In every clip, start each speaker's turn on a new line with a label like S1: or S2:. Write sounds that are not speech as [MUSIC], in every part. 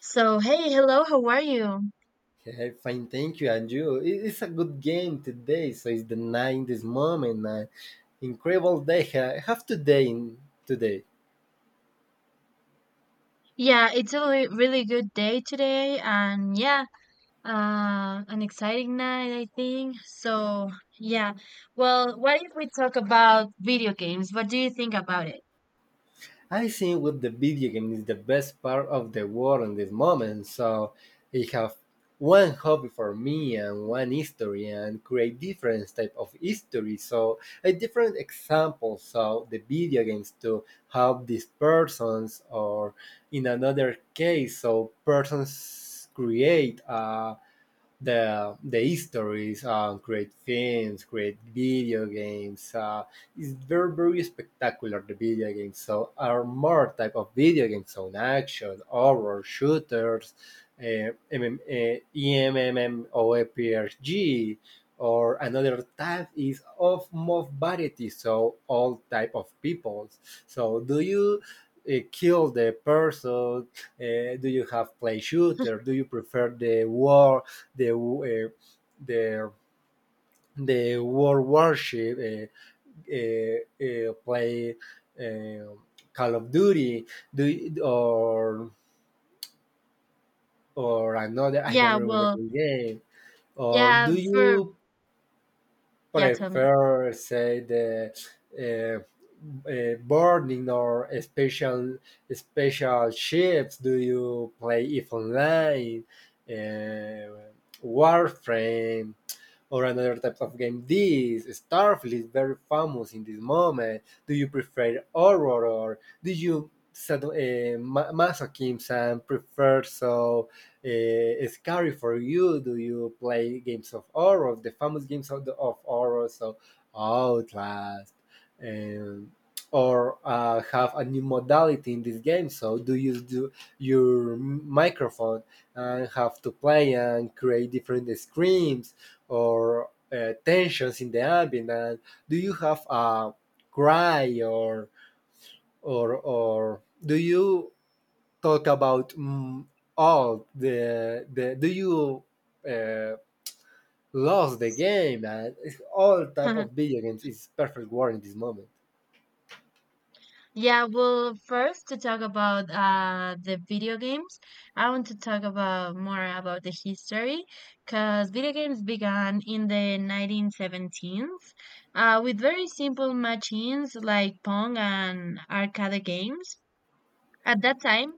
S1: So, hey, hello, how are you?
S2: Yeah, fine, thank you. And you? It's a good game today. So it's the 90th moment. An incredible day I have today. In today,
S1: Yeah, it's a really good day today, and yeah, an exciting night, I think. So, yeah, well, what if we talk about video games? What do you think about it?
S2: I think with the video game is the best part of the world in this moment. So I have one hobby for me and one history and create different type of history. So a different example. So the video games to help these persons or in another case, so persons create a the histories, great films, great video games. It's very spectacular the video games. So are more type of video games on action, horror, shooters, uh, MM, uh, EMMORPG, or another type is of more variety. So all type of peoples. So do you kill the person, do you have play shooter, do you prefer the war, the uh, the the world warship, play uh, Call of Duty, do or another, I don't
S1: Yeah,
S2: remember
S1: well,
S2: the game, or
S1: yeah,
S2: do
S1: for,
S2: you
S1: yeah, tell me.
S2: prefer say the uh, boarding or special ships, do you play if online, uh, warframe, or another type of game? This Starfield is very famous in this moment. Do you prefer horror or do you masochism and prefer so scary for you? Do you play games of horror, the famous games of horror, so Outlast, um, or have a new modality in this game? So do you do your microphone and have to play and create different screams? Or tensions in the ambient? And do you have a cry, or do you talk about all the do you uh, lost the game, and it's all type of
S1: [LAUGHS]
S2: video games is perfect word in this moment.
S1: Yeah, well, first to talk about the video games, I want to talk about more about the history because video games began in the 1917s with very simple machines like Pong and arcade games. At that time,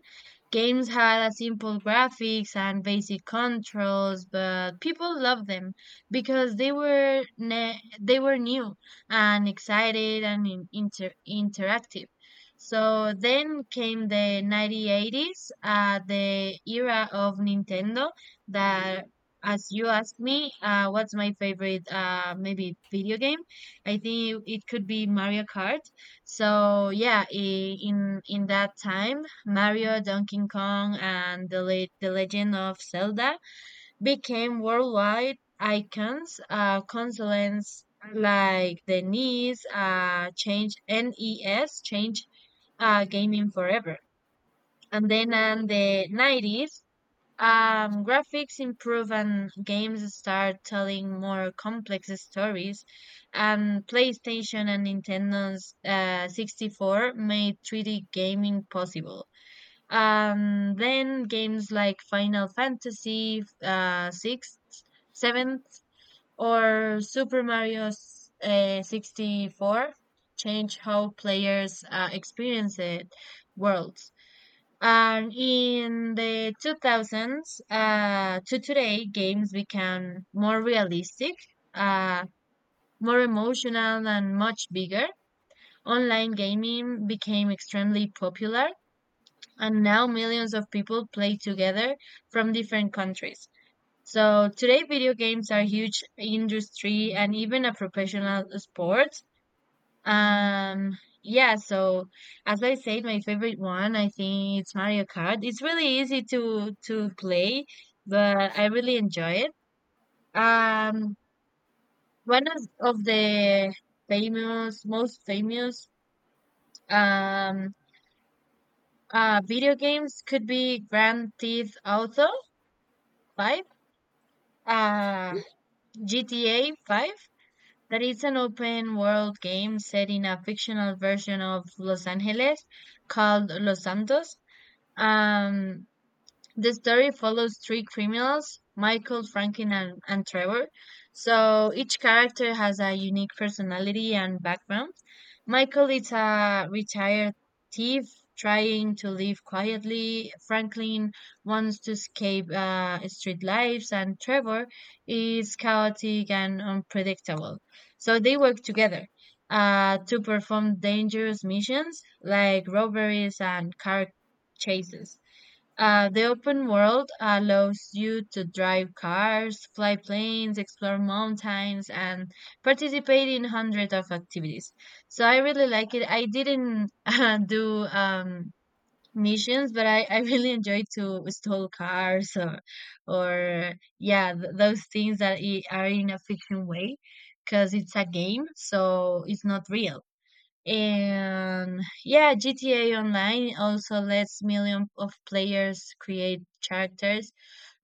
S1: games had a simple graphics and basic controls, but people loved them because they were they were new and excited and interactive. So then came the 1980s, the era of Nintendo that, as you asked me, what's my favorite, maybe, video game? I think it could be Mario Kart. So yeah, in that time, Mario, Donkey Kong, and the the Legend of Zelda became worldwide icons. Consoles like the NES changed gaming forever. And then in the 90s, graphics improve and games start telling more complex stories. And PlayStation and Nintendo's 64 made 3D gaming possible. Then games like Final Fantasy 6, 7, or Super Mario 64 change how players experience it worlds. And in the 2000s to today, games became more realistic, uh, more emotional, and much bigger. Online gaming became extremely popular, and now millions of people play together from different countries. So today, video games are huge industry and even a professional sport. Um, yeah, so, as I said, my favorite one, I think it's Mario Kart. It's really easy to play, but I really enjoy it. Um, One of the most famous um video games could be Grand Theft Auto 5, uh GTA 5. That is an open world game set in a fictional version of Los Angeles called Los Santos. Um, the story follows three criminals, Michael, Franklin, and Trevor. So each character has a unique personality and background. Michael is a retired thief trying to live quietly. Franklin wants to escape street lives, and Trevor is chaotic and unpredictable. So they work together to perform dangerous missions like robberies and car chases. The open world allows you to drive cars, fly planes, explore mountains, and participate in hundreds of activities. So I really like it. I didn't [LAUGHS] do, missions, but I really [LAUGHS] enjoy to stole cars, or yeah, those things that are in a fiction way, because it's a game, so it's not real. And yeah, GTA Online also lets millions of players create characters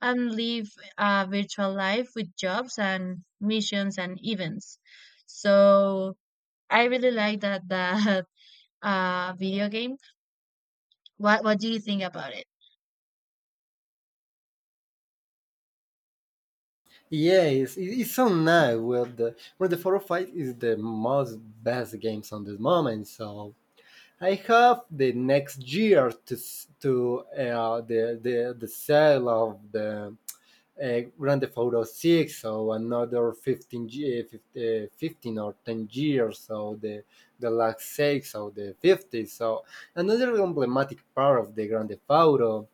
S1: and live a virtual life with jobs and missions and events. So I really like that [LAUGHS] video game. What do you think about it?
S2: Yes, it's so nice. Well, the Four of Fight is the most best games on this moment. So I have the next year to the sale of the Grand Theft Auto 6, so another 15, 15 or 10 years, so the last 6 or the 50s, so another emblematic part of the Grand Theft Auto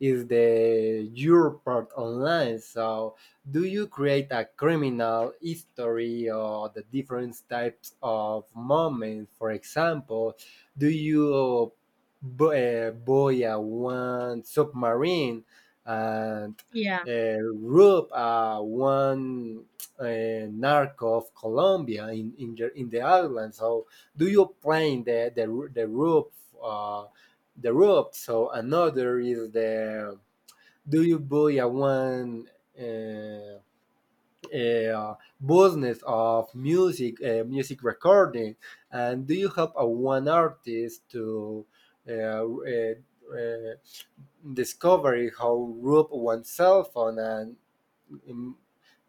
S2: is the your part online. So do you create a criminal history or the different types of moments? For example, do you bo buy a one submarine and
S1: Yeah.
S2: Rube, one narco of Colombia in the island. So do you playing the Rube, uh, the Rube? So another is the do you buy a one uh, uh, business of music, music recording, and do you have a one artist to uh, uh, uh, discovery how Rube oneself on, and um,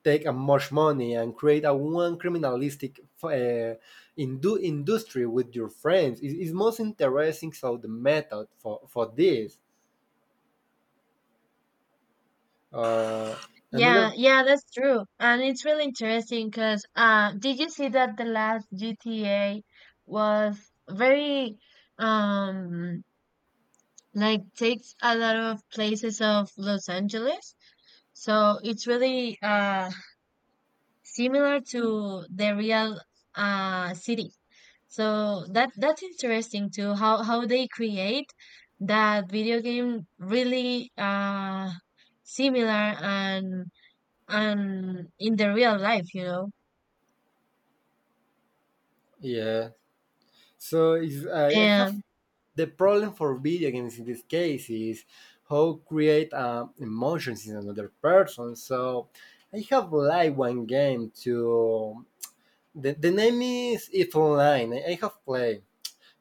S2: take much money and create a one criminalistic industry with your friends is most interesting so the method for this. Uh,
S1: Yeah,
S2: another
S1: yeah, that's true. And it's really interesting because did you see that the last GTA was very, um like, takes a lot of places of Los Angeles. So it's really similar to the real city. So that's interesting too, how they create that video game really similar and in the real life.
S2: Yeah, so is I have
S1: And
S2: the problem for video games in this case is how create emotions in another person. So I have like one game to, the name is if online, I have played.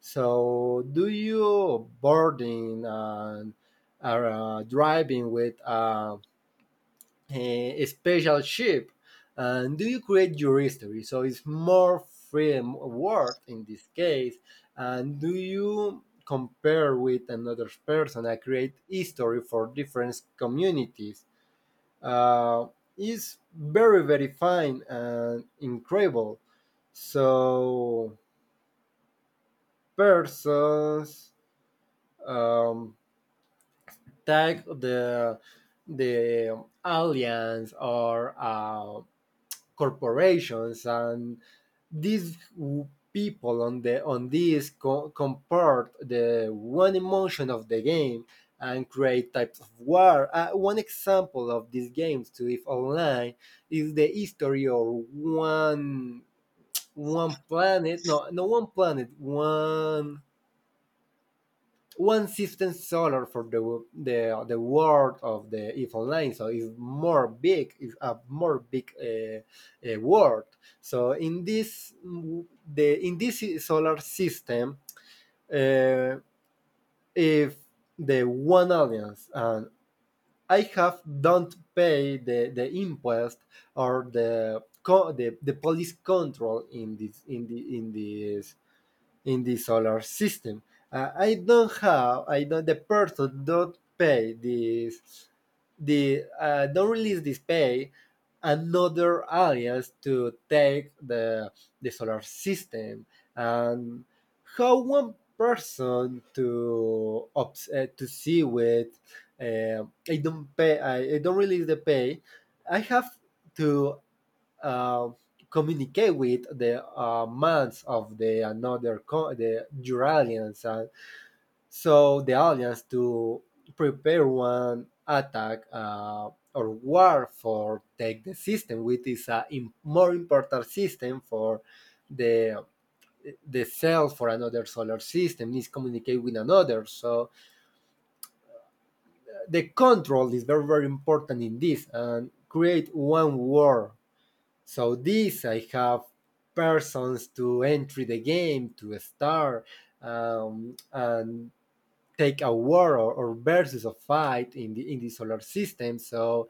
S2: So do you boarding and are driving with a special ship? And do you create your history? So it's more freedom of word in this case. And do you compare with another person? I create history for different communities. Uh, is very fine and incredible. So persons. Um, tag the aliens or corporations, and these people on the on this comport the one emotion of the game and create types of war. One example of these games to if online is the history, or one, one planet, no, no, one planet, one, one system solar for the world of the if online, so it's more big, it's a more big world. So in this, the in this solar system, uh, if the one audience, and I have don't pay the impost or the police control in this, in the in this, in the solar system. I don't have, I don't, the person don't pay this, the, don't release this pay, another aliens to take the solar system, and how one person to to see with, uh, I don't pay, I don't release the pay. I have to uh, communicate with the minds of the another the your aliens, and so the aliens to prepare one attack, or war for take the system, which is a more important system for the the cell, for another solar system is communicate with another. So the control is very important in this, and create one war. So this I have persons to enter the game to start, and take a war, or versus a fight in the solar system. So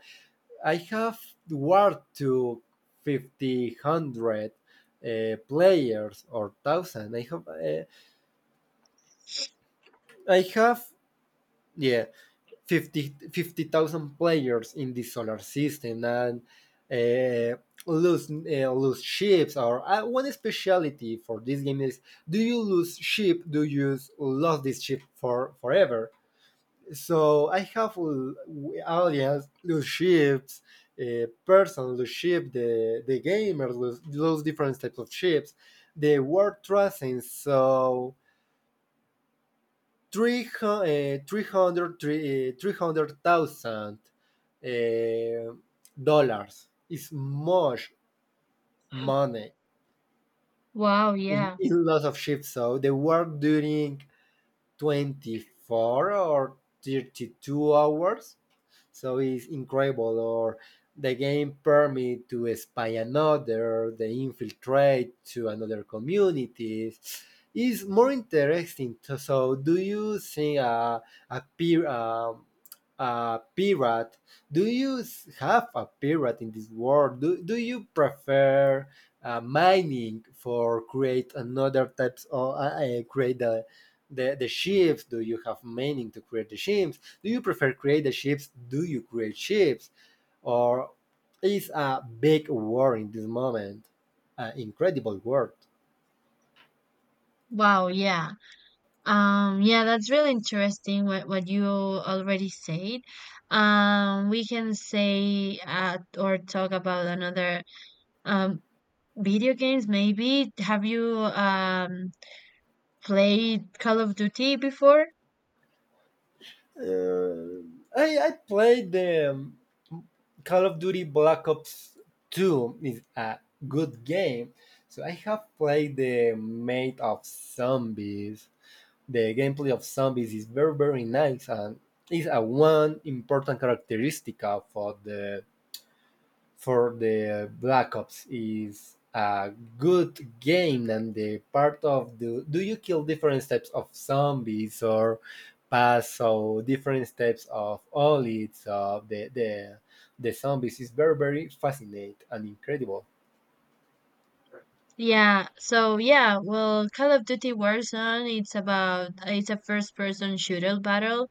S2: I have war to fifty hundred players or thousand. I have I have yeah, 50,000 players in the solar system, and uh, lose ships, or one speciality for this game is, do you lose ship, do you lose this ship for forever? So I have aliens lose ships, a person lose ship, the gamers lose different types of ships, the world tracing. So 300, $300,000 uh, dollars is much money
S1: wow, yeah.
S2: in lots of ships. So they work during 24 or 32 hours, so it's incredible. Or the game permit to spy another, the infiltrate to another communities. It's more interesting to, so do you think a, a pirate? Do you have a pirate in this world? Do, do you prefer mining for create another types, or create the ships? Do you have meaning to create the ships? Do you prefer create the ships? Do you create ships? Or is a big war in this moment, an incredible word?
S1: Wow, yeah. Yeah, that's really interesting, what you already said. We can say or talk about another, um, video games maybe. Have you, played Call of Duty before?
S2: Uh, I played the Call of Duty Black Ops 2. Is a good game. So I have played the Made of Zombies. The gameplay of zombies is very nice, and is a one important characteristic for the for the Black Ops. Is a good game, and the part of the, do you kill different types of zombies, or pass, so different types of all, it's of the zombies is very fascinating and incredible.
S1: Yeah, so yeah, well, Call of Duty Warzone, it's a first-person shooter battle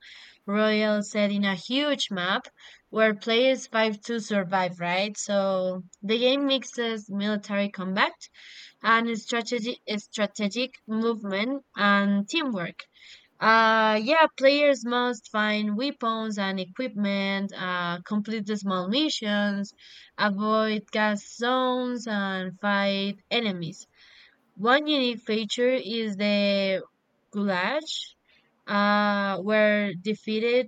S1: royal set in a huge map where players fight to survive, right? So the game mixes military combat and strategic movement and teamwork. Yeah, players must find weapons and equipment, complete the small missions, avoid gas zones, and fight enemies. One unique feature is the goulash, where defeated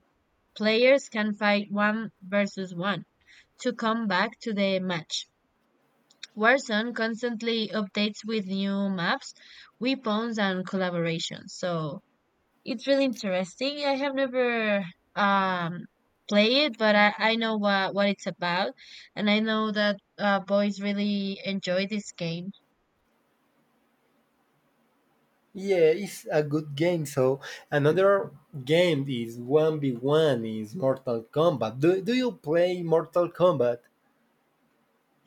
S1: players can fight one versus one to come back to the match. Warzone constantly updates with new maps, weapons, and collaborations. So it's really interesting. I have never, um, played it, but I know what it's about, and I know that boys really enjoy this game.
S2: Yeah, it's a good game. So another game is 1v1, is Mortal Kombat. Do, do you play Mortal Kombat?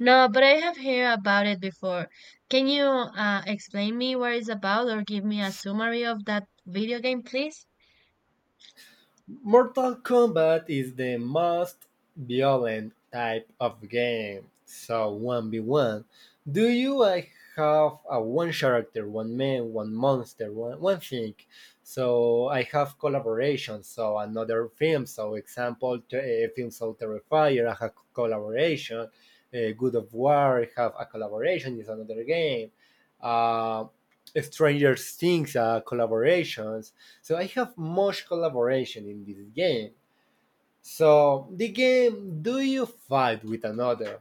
S1: No, but I have heard about it before. Can you explain me what it's about, or give me a summary of that video game, please?
S2: Mortal Kombat is the most violent type of game. So 1v1. Do you have a one character, one man, one monster, one thing? So I have collaboration. So another film. So example, film, so Terrifier, I have collaboration. Good of War, I have a collaboration. Is another game. Uh, Stranger Things, collaborations, so I have much collaboration in this game. So the game, do you fight with another?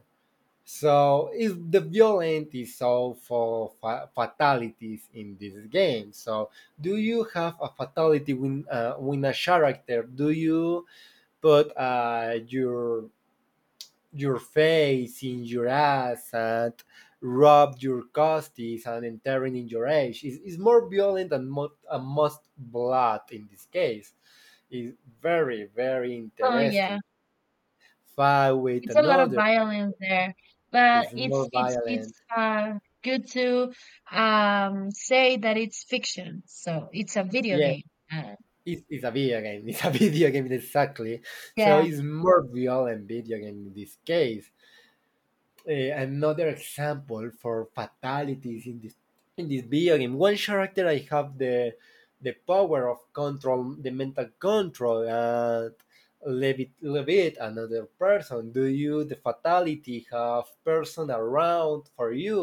S2: So is the violent is all for fatalities in this game. So do you have a fatality when, when a character? Do you put your face in your ass and rub your costis and entering in your age is more violent and, and most blood in this case is very
S1: Oh, yeah.
S2: interesting, fight with
S1: It's a lot of
S2: another,
S1: violence there, but
S2: is
S1: it's
S2: more
S1: it's it's
S2: violent.
S1: uh good to say that it's fiction, so it's a video
S2: Yeah,
S1: game. Uh,
S2: it's a video game, it's a [LAUGHS] video game, exactly. So
S1: yeah.
S2: it's more violent video game in this case. Another example for fatalities in this video game. One character I have the power of control, the mental control, and levit another person. Do you the fatality have person around for you,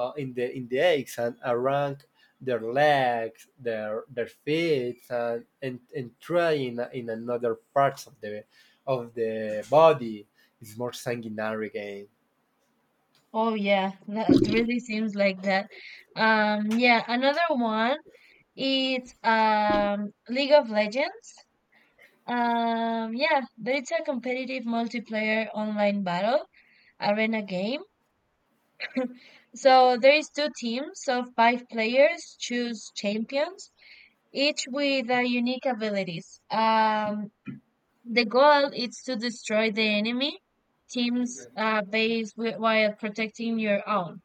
S2: in the eggs and around their legs, their feet, and and try in another parts of the body. It's more sanguinary game.
S1: Oh yeah. That it really seems like that. Yeah, another one is, League of Legends. Yeah, but it's a competitive multiplayer online battle arena game. So there is two teams of five players choose champions each with their unique abilities. The goal is to destroy the enemy team's base while protecting your own.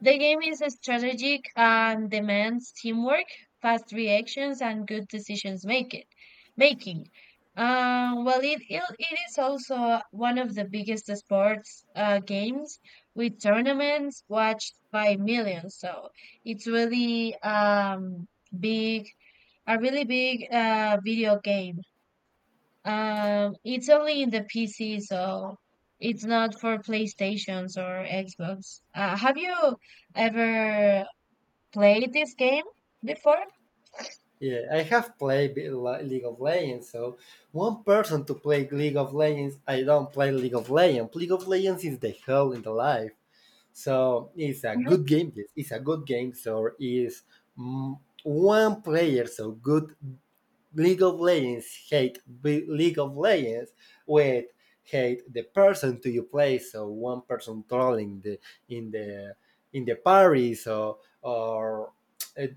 S1: The game is strategic and demands teamwork, fast reactions, and good decisions making. Well, it is also one of the biggest sports games with tournaments watched by millions. So it's really, big a really big video game. It's only in the PC, so it's not for PlayStations or Xbox. Have you ever played this game before?
S2: Yeah, I have played League of Legends, so one person to play League of Legends. I don't play League of Legends. League of Legends is the hell in the life. So it's a good
S1: [LAUGHS]
S2: game. Yes, it's a good game. So is one player so good, League of Legends hate, League of Legends with hate the person to you play. So one person trolling the in the parties, or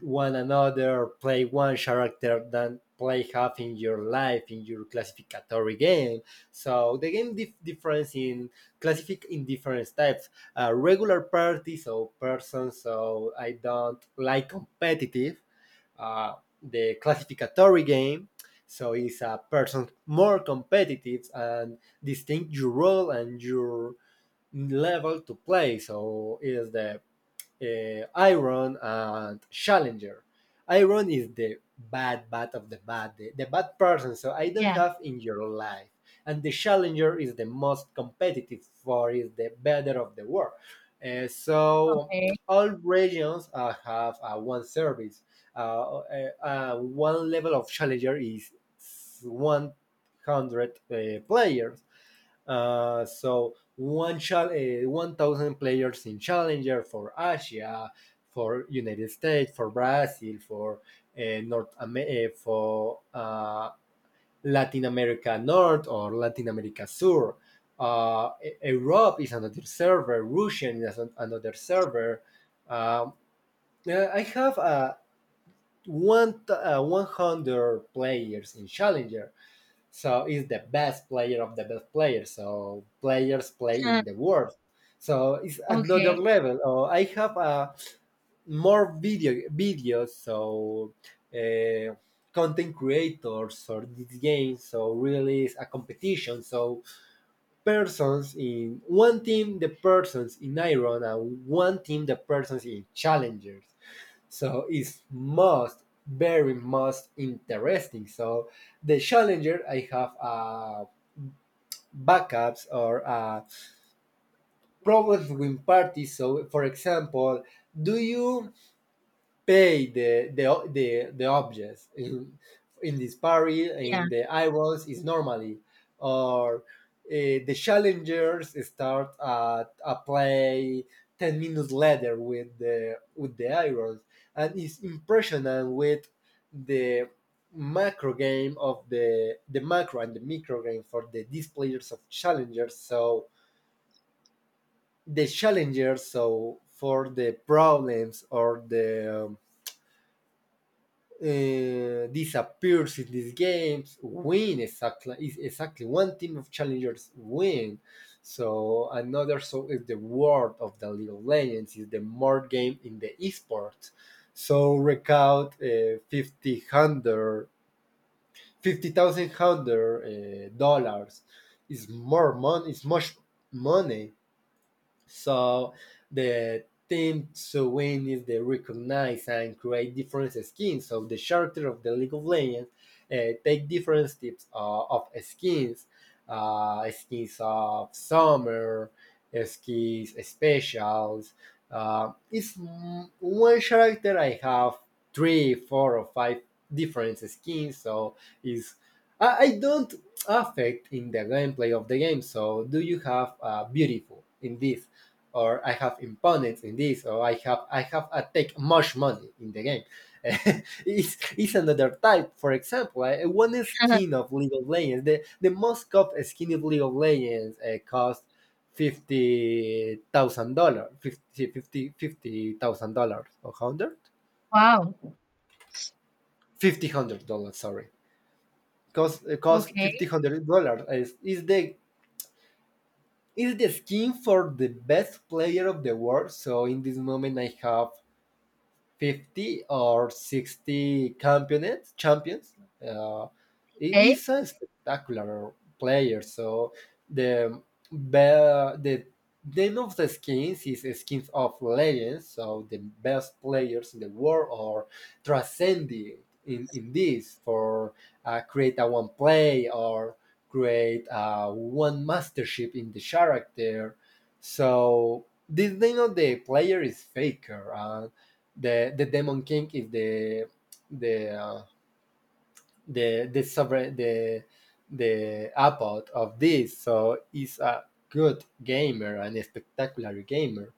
S2: one another play one character than play half in your life in your classificatory game, so the game difference in classific in different types regular parties. So person, so I don't like competitive, uh, the classificatory game. So it's a person more competitive and distinct your role and your level to play. So it is the Iron and Challenger. Iron is the bad, bad of the bad, the bad person, so I don't
S1: Yeah.
S2: have in your life. And the Challenger is the most competitive for is the better of the world. So
S1: Okay.
S2: all regions have one service. One level of Challenger is 100 players, so 1,000 players in Challenger for Asia, for United States, for Brazil, for uh, North Amer- uh, for uh, Latin America North or Latin America Sur. Europe is another server. Russian is another server. Um, I have 100 players in Challenger, so it's the best player of the best players. So players play
S1: Huh.
S2: in the world. So it's another
S1: Okay.
S2: level. Oh, I have more videos. So uh, content creators or this game. So really is a competition. So persons in one team, the persons in Iron, and one team, the persons in Challengers. So it's most very most interesting. So the Challenger, I have a backups or problems between parties. So, for example, do you pay the objects in this party
S1: Yeah.
S2: in the irons is normally, or the challengers start at a play 10 minutes later with the irons, and it's impressionant with the macro game of the macro and the micro game for the these players of challengers, so the challengers, so for the problems or the disappears in these games win exactly is exactly one team of challengers win, so another, so is the world of the League of Legends is the more game in the esports, so recount 50 hundred fifty thousand hundred dollars, is more money, is much money. So the team to win is to recognize and create different skins. So the character of the League of Legends take different types of skins, skins of summer, skins specials. It's one character. I have three, four, or five different skins. So is I don't affect in the gameplay of the game. So do you have beautiful in this? Or I have opponents in this, or I have I take much money in the game. [LAUGHS] It's another type. For example, one skin
S1: [LAUGHS]
S2: of League of Legends, the most cop skin of League of Legends costs $50,000, fifty thousand dollars or hundred,
S1: Wow.
S2: $5,000. Sorry, cost
S1: Okay.
S2: $5,000. Is the skin for the best player of the world? So in this moment, I have 50 or 60 champions. uh, he
S1: Okay.
S2: is a spectacular player, so the be- the name of the skins is skins of legends, so the best players in the world are transcending in this for create a one play or create a one mastership in the character, so this name of the player is Faker. The demon king is the uh, the sovereign, the abbot of this, so he's a good gamer and a spectacular gamer,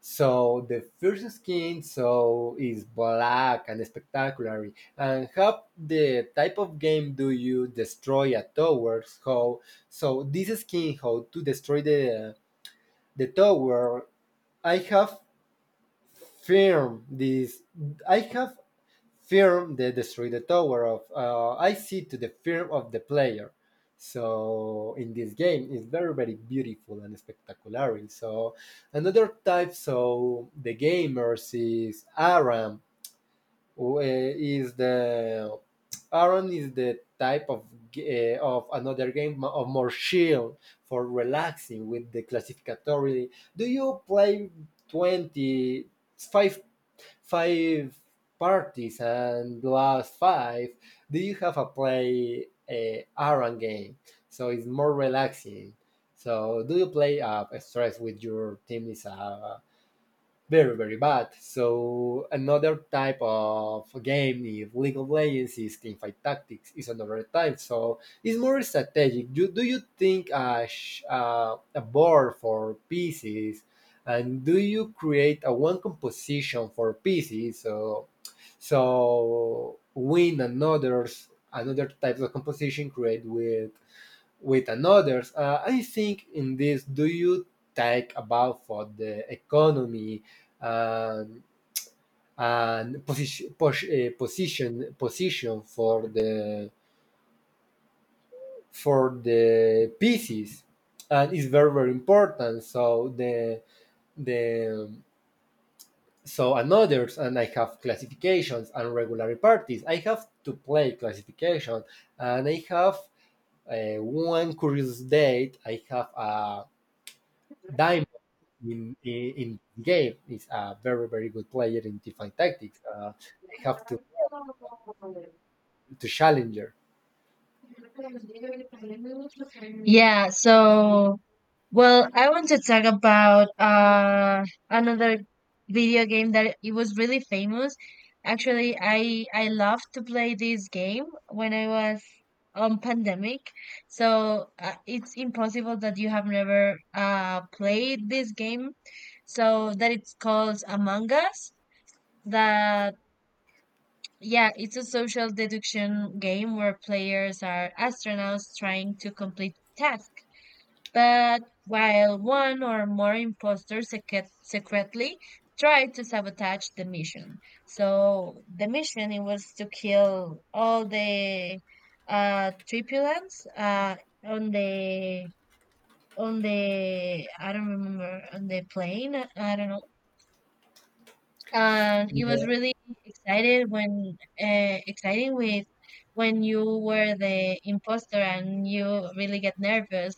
S2: so the first skin, so is black and spectacular, and how the type of game, do you destroy a tower, how, so this skin how to destroy the tower. I have firm this. I have firm that destroy the tower of. I see to the firm of the player. So in this game, it's very very beautiful and spectacular. So another type. So the gamers is Aram. Who, is the Aram is the type of of another of more chill, for relaxing with the classificatory. Do you play 20, five parties, and last five, do you have a play a Aran game? So it's more relaxing. So do you play, stress with your team, is a very very bad. So another type of game, if League of Legends is Teamfight Tactics, is another type. So it's more strategic. Do you think a board for pieces, and do you create a one composition for pieces? So win another's another type of composition, create with another's. I think in this, do you take about for the economy? and and position pos- eh, position position for the pieces, and it's very very important. So the so and others, and I have classifications and regular parties. I have to play classification, and I have one curious date. I have a Diamond in the game, is a very very good player in Teamfight Tactics. They have to challenger.
S1: Yeah. So. Well, I want to talk about another video game that it was really famous. Actually, I loved to play this game when I was on pandemic. So, it's impossible that you have never played this game. So that it's called Among Us. That yeah, it's a social deduction game where players are astronauts trying to complete tasks, but while one or more imposters secretly tried to sabotage the mission. So the mission it was to kill all the tripulants, on the, I don't remember, on the plane. I don't know. And it was
S2: Yeah,
S1: really excited when exciting with when you were the imposter and you really get nervous,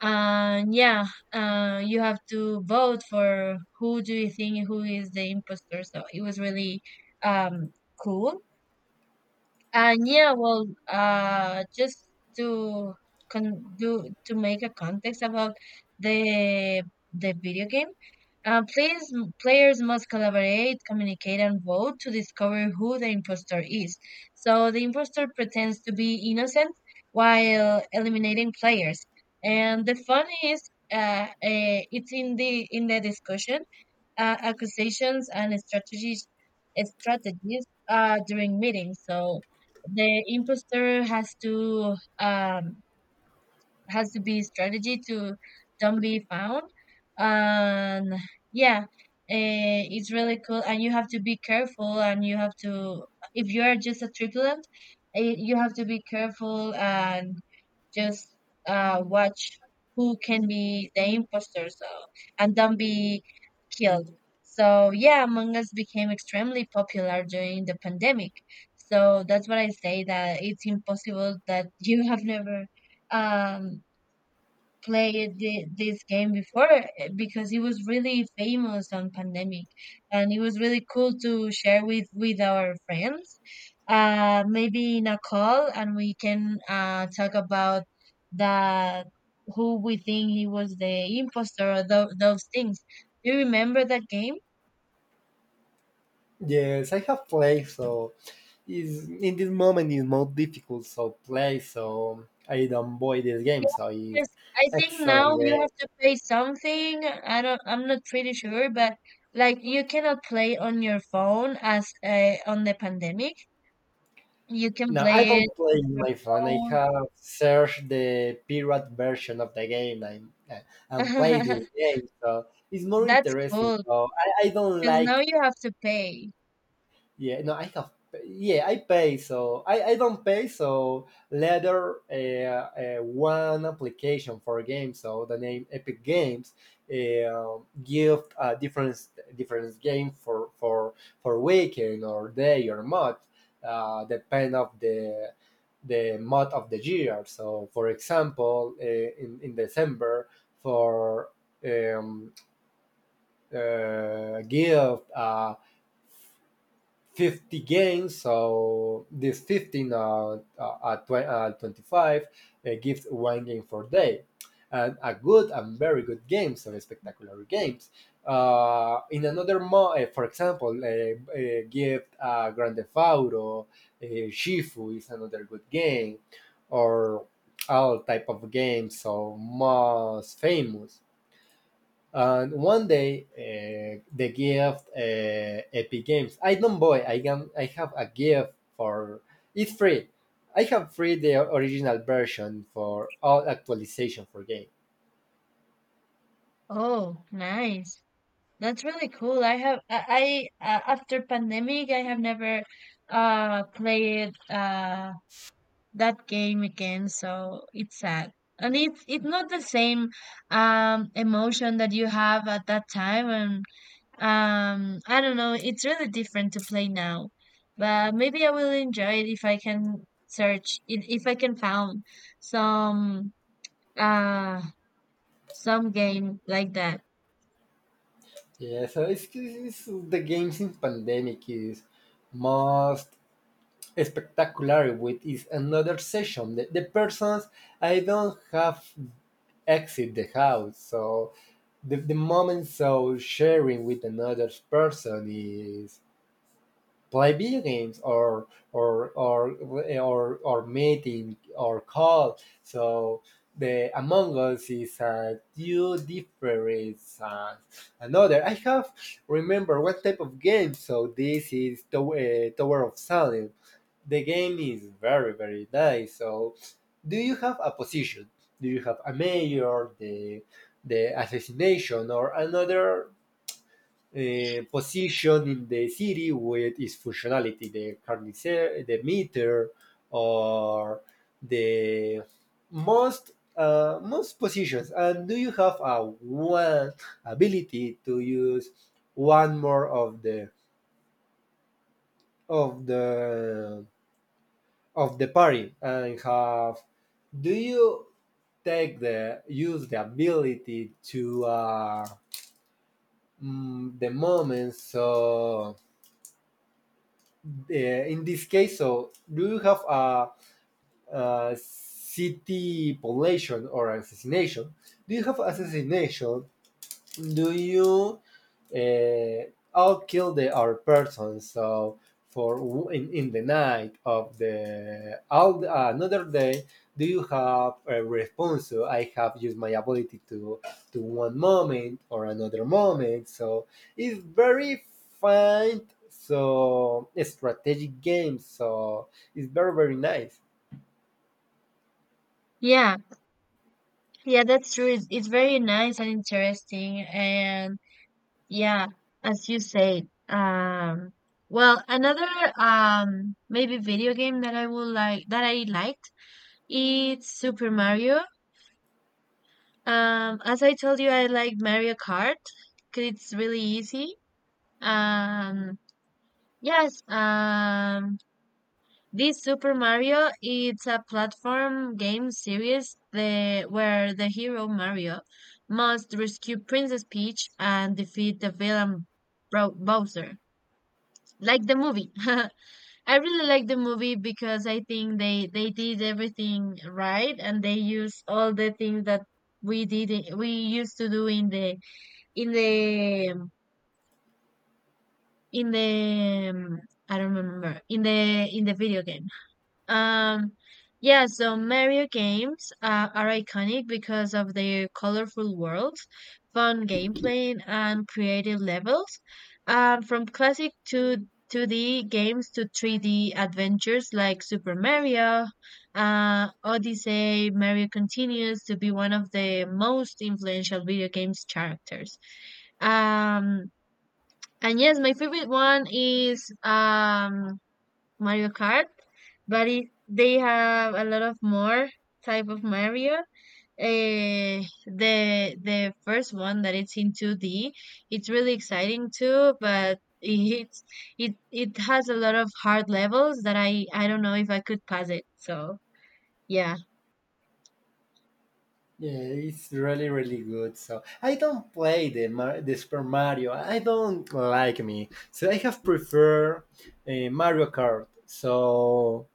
S1: and yeah, you have to vote for who do you think who is the imposter. So it was really, um, cool. And yeah, well, just to con do to make a context about the video game, uh, players players must collaborate, communicate, and vote to discover who the impostor is. So the impostor pretends to be innocent while eliminating players, and the fun is, uh, it's in the, discussion, accusations and strategies during meetings. So the imposter has to be strategy to don't be found. And yeah, eh, it's really cool. And you have to be careful. And if you are just a tripulant, eh, you have to be careful and just watch who can be the imposter. So, and don't be killed. So yeah, Among Us became extremely popular during the pandemic. So that's what I say, that it's impossible that you have never, um played this game before, eh, because it was really famous on pandemic, and it was really cool to share with our friends, maybe in a call, and we can talk about that, who we think he was the imposter, or those things. Do you remember that game?
S2: yes, I have played, so is in this moment is more difficult so play, so I don't buy this game, so it's
S1: Because I think
S2: excellent
S1: now you
S2: game.
S1: have to pay something. I'm not pretty sure, but like you cannot play on your phone as, on the pandemic. You can
S2: No, I
S1: play
S2: don't
S1: it
S2: play in my phone. I
S1: on
S2: have searched the pirate version of the game, and
S1: your
S2: and play this
S1: phone.
S2: game, so it's
S1: [LAUGHS]
S2: more
S1: That's
S2: interesting.
S1: cool
S2: So I don't
S1: because now
S2: like.
S1: you have to pay.
S2: Yeah, no, I have. Yeah, I pay. So I don't pay. So later, one application for a game. So the name Epic Games uh, give a different game for for weekend or day or month, depend of the month of the year. So for example, in December, for um, give. 50 games, so this 15 25, gives one game per day, and a good and very good games, some spectacular games, in for example, give, Grand Theft Auto, uh, Shifu is another good game, or all type of games, so most famous, and one day, the gift, Epic Games. I don't buy. I can. I have a gift for. It's free. I have free the original version for all actualization for game.
S1: Oh, nice. That's really cool. I have I After pandemic I have never played that game again, so it's sad. And it's not the same emotion that you have at that time when. I don't know. It's really different to play now, but maybe I will enjoy it if I can search, if I can found some, uh some game like that.
S2: Yeah, so it's the games in pandemic is most spectacular with is another session. The persons I don't have exit the house, so the moment so sharing with another person is play video games, or meeting or call. So the Among Us is a new difference. Another, I have remember what type of game. So this is Tower, Tower of Salem. The game is very very nice. So do you have a position? Do you have a mayor, the assassination, or another position in the city with its functionality, the carnicer, the meter, or the most most positions. And do you have a one ability to use one more of of the the party and have? Do you take the use the ability to the moment, so in this case, so do you have a city population or assassination? Do you have assassination, do you uh, all kill the our person, so for in the night of the all another day, do you have a response, so I have used my ability to one moment or another moment, so it's very fine, so a strategic game, so it's very very nice.
S1: Yeah, yeah, that's true. It's very nice and interesting, and yeah, as you say. Well, another, maybe video game that I liked, it's Super Mario. As I told you, I like Mario Kart because it's really easy. Um, yes, this Super Mario, it's a platform game series, where the hero Mario must rescue Princess Peach and defeat the villain Bro Bowser. Like the movie. [LAUGHS] I really like the movie because I think they did everything right and they use all the things that we used to do in the, in the in the um, I don't remember, in the video game. Um, yeah, so Mario games are iconic because of their colorful worlds, fun gameplay, and creative levels. From classic to 2D games to 3D adventures like Super Mario, Odyssey, Mario continues to be one of the most influential video games characters. Um, and yes, my favorite one is, Mario Kart, but they have a lot of more type of Mario. The first one that it's in 2D, it's really exciting too, but it has a lot of hard levels that I don't know if I could pass it. So, yeah.
S2: Yeah, it's really really good. So I don't play the Super Mario. I don't like me. So I have preferred Mario Kart. So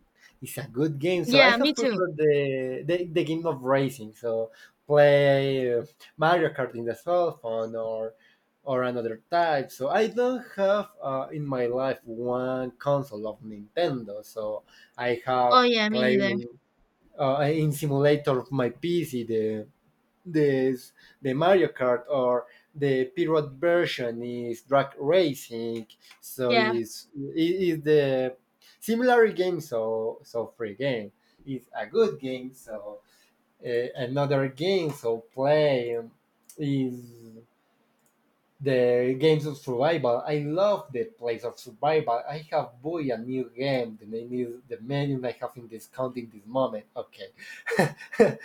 S2: it's a good game. So I
S1: Yeah, me
S2: have
S1: too.
S2: preferred the game of racing. So play Mario Kart in the cell phone, or another type. So I don't have in my life one console of Nintendo. So I have
S1: Oh yeah, me
S2: played
S1: neither.
S2: in simulator of my PC, this the Mario Kart, or the period version is drag racing, so
S1: Yeah.
S2: is the similar game. So free game is a good game. So another game. So play, is the games of survival. I love the place of survival. I have boy a new game. The name is the menu I have in this count in this moment. Okay. [LAUGHS]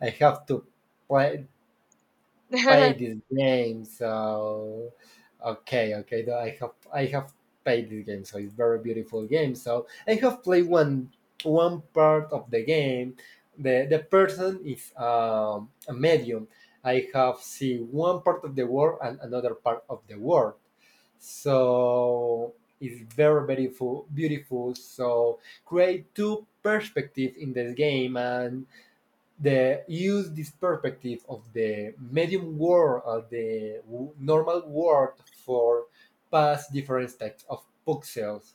S2: I have to play
S1: [LAUGHS]
S2: paid this game, so okay, okay. Though I have paid this game, so it's very beautiful game. So I have played one part of the game. The person is a medium. I have seen one part of the world and another part of the world. So it's very beautiful. So create two perspectives in this game, and the use this perspective of the medium world and the normal world for past different types of pixels.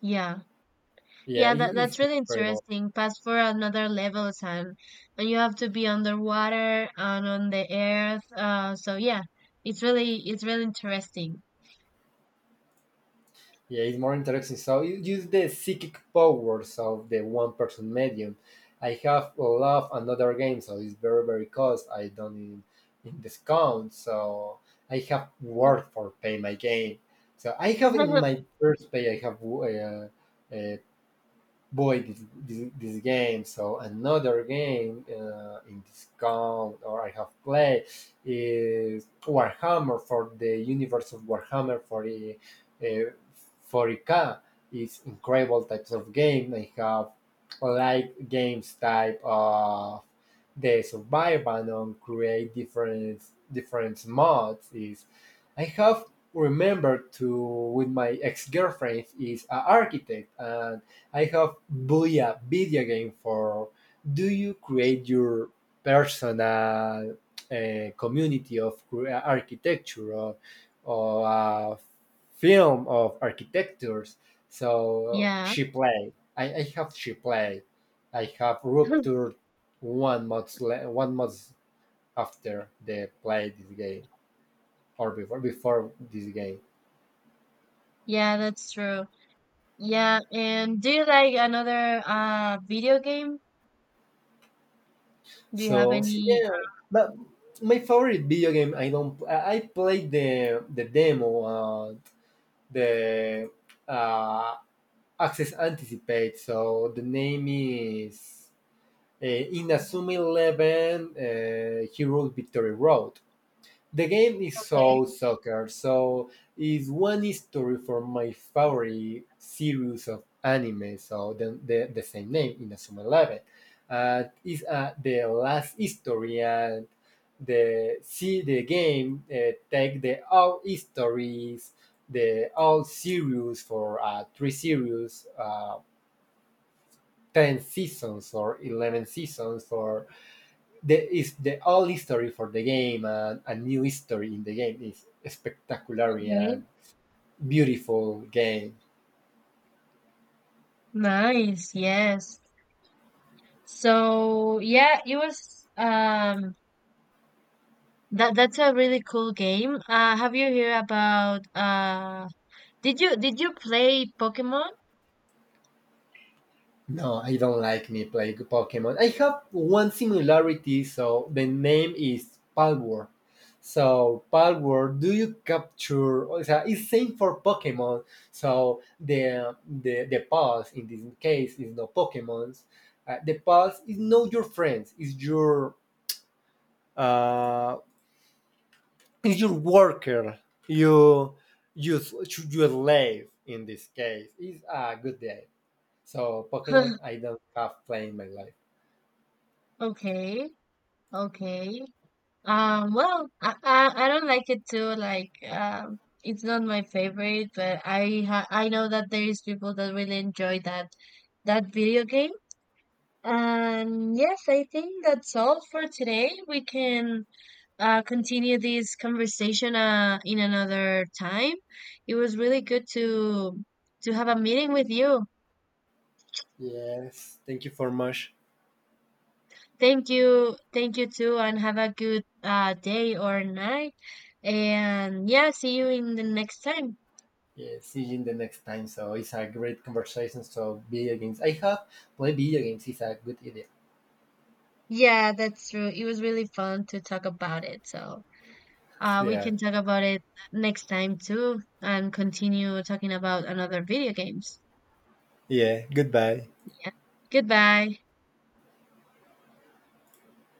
S1: Yeah.
S2: Yeah,
S1: Yeah, that,
S2: it's
S1: that's really
S2: incredible.
S1: interesting. Pass for another level, Sam. And you have to be underwater and on the earth. So yeah, it's really interesting.
S2: Yeah, it's more interesting. So you use the psychic powers of the one person medium. I have love another game, so it's very very cost. I done in discount, so I have work for pay my game. So I have in
S1: [LAUGHS]
S2: my first pay, I have uh, boy this game, so another game, in this count or I have played, is Warhammer, for the universe of Warhammer 40, uh, 40K is incredible types of game. I have like games type of days of Biobanon, create different mods, is I have remembered to with my ex-girlfriend, is an architect, and I have bought a video game for, do you create your personal community of architecture, or a film of architectures, so
S1: Yeah,
S2: she played. I have she played, I have ruptured one month after they played this game, or before this game.
S1: yeah, that's true. Yeah, and do you like another video game? Do you have
S2: So,
S1: any?
S2: yeah, but my favorite video game, I don't, I played the demo, the uh, Access Anticipate. So the name is uh,
S1: uh,
S2: Inazuma Eleven, Heroes Victory Road. The game is
S1: Okay.
S2: so soccer, so is one story from my favorite series of anime, so the same name, Inazuma Eleven. It's the last history, and the see the game take the all histories, the all series for three series, ten seasons or 11 seasons for the is the old history for the game, and a new history in the game is spectacular
S1: Okay.
S2: and beautiful game.
S1: Nice. Yes. So yeah, it was, that's a really cool game. Have you heard about? Did you play Pokemon?
S2: No, I don't like me playing Pokemon. I have one similarity, so the name is Palworld. So Palworld, do you capture? It's same for Pokemon. So the pulse in this case is no Pokemons. The pulse is not your friends. It's your uh, you worker, you you you slave in this case, it's a good day, so Pokemon, I
S1: [LAUGHS]
S2: don't have play in my life.
S1: Okay, okay. Well, I don't like it too. Like, it's not my favorite, but I know that there is people that really enjoy that video game. And yes, I think that's all for today. We can continue this conversation in another time. It was really good to have a meeting with you.
S2: Yes, thank you for much.
S1: Thank you. Thank you too, and have a good, day or night. And yeah, see you in the next time.
S2: Yeah, see you in the next time, so it's a great conversation, so video games. I have play video games, is a good idea.
S1: Yeah, that's true. It was really fun to talk about it. So, we
S2: yeah
S1: can talk about it next time too and continue talking about another video games.
S2: yeah goodbye.
S1: Yeah. Goodbye.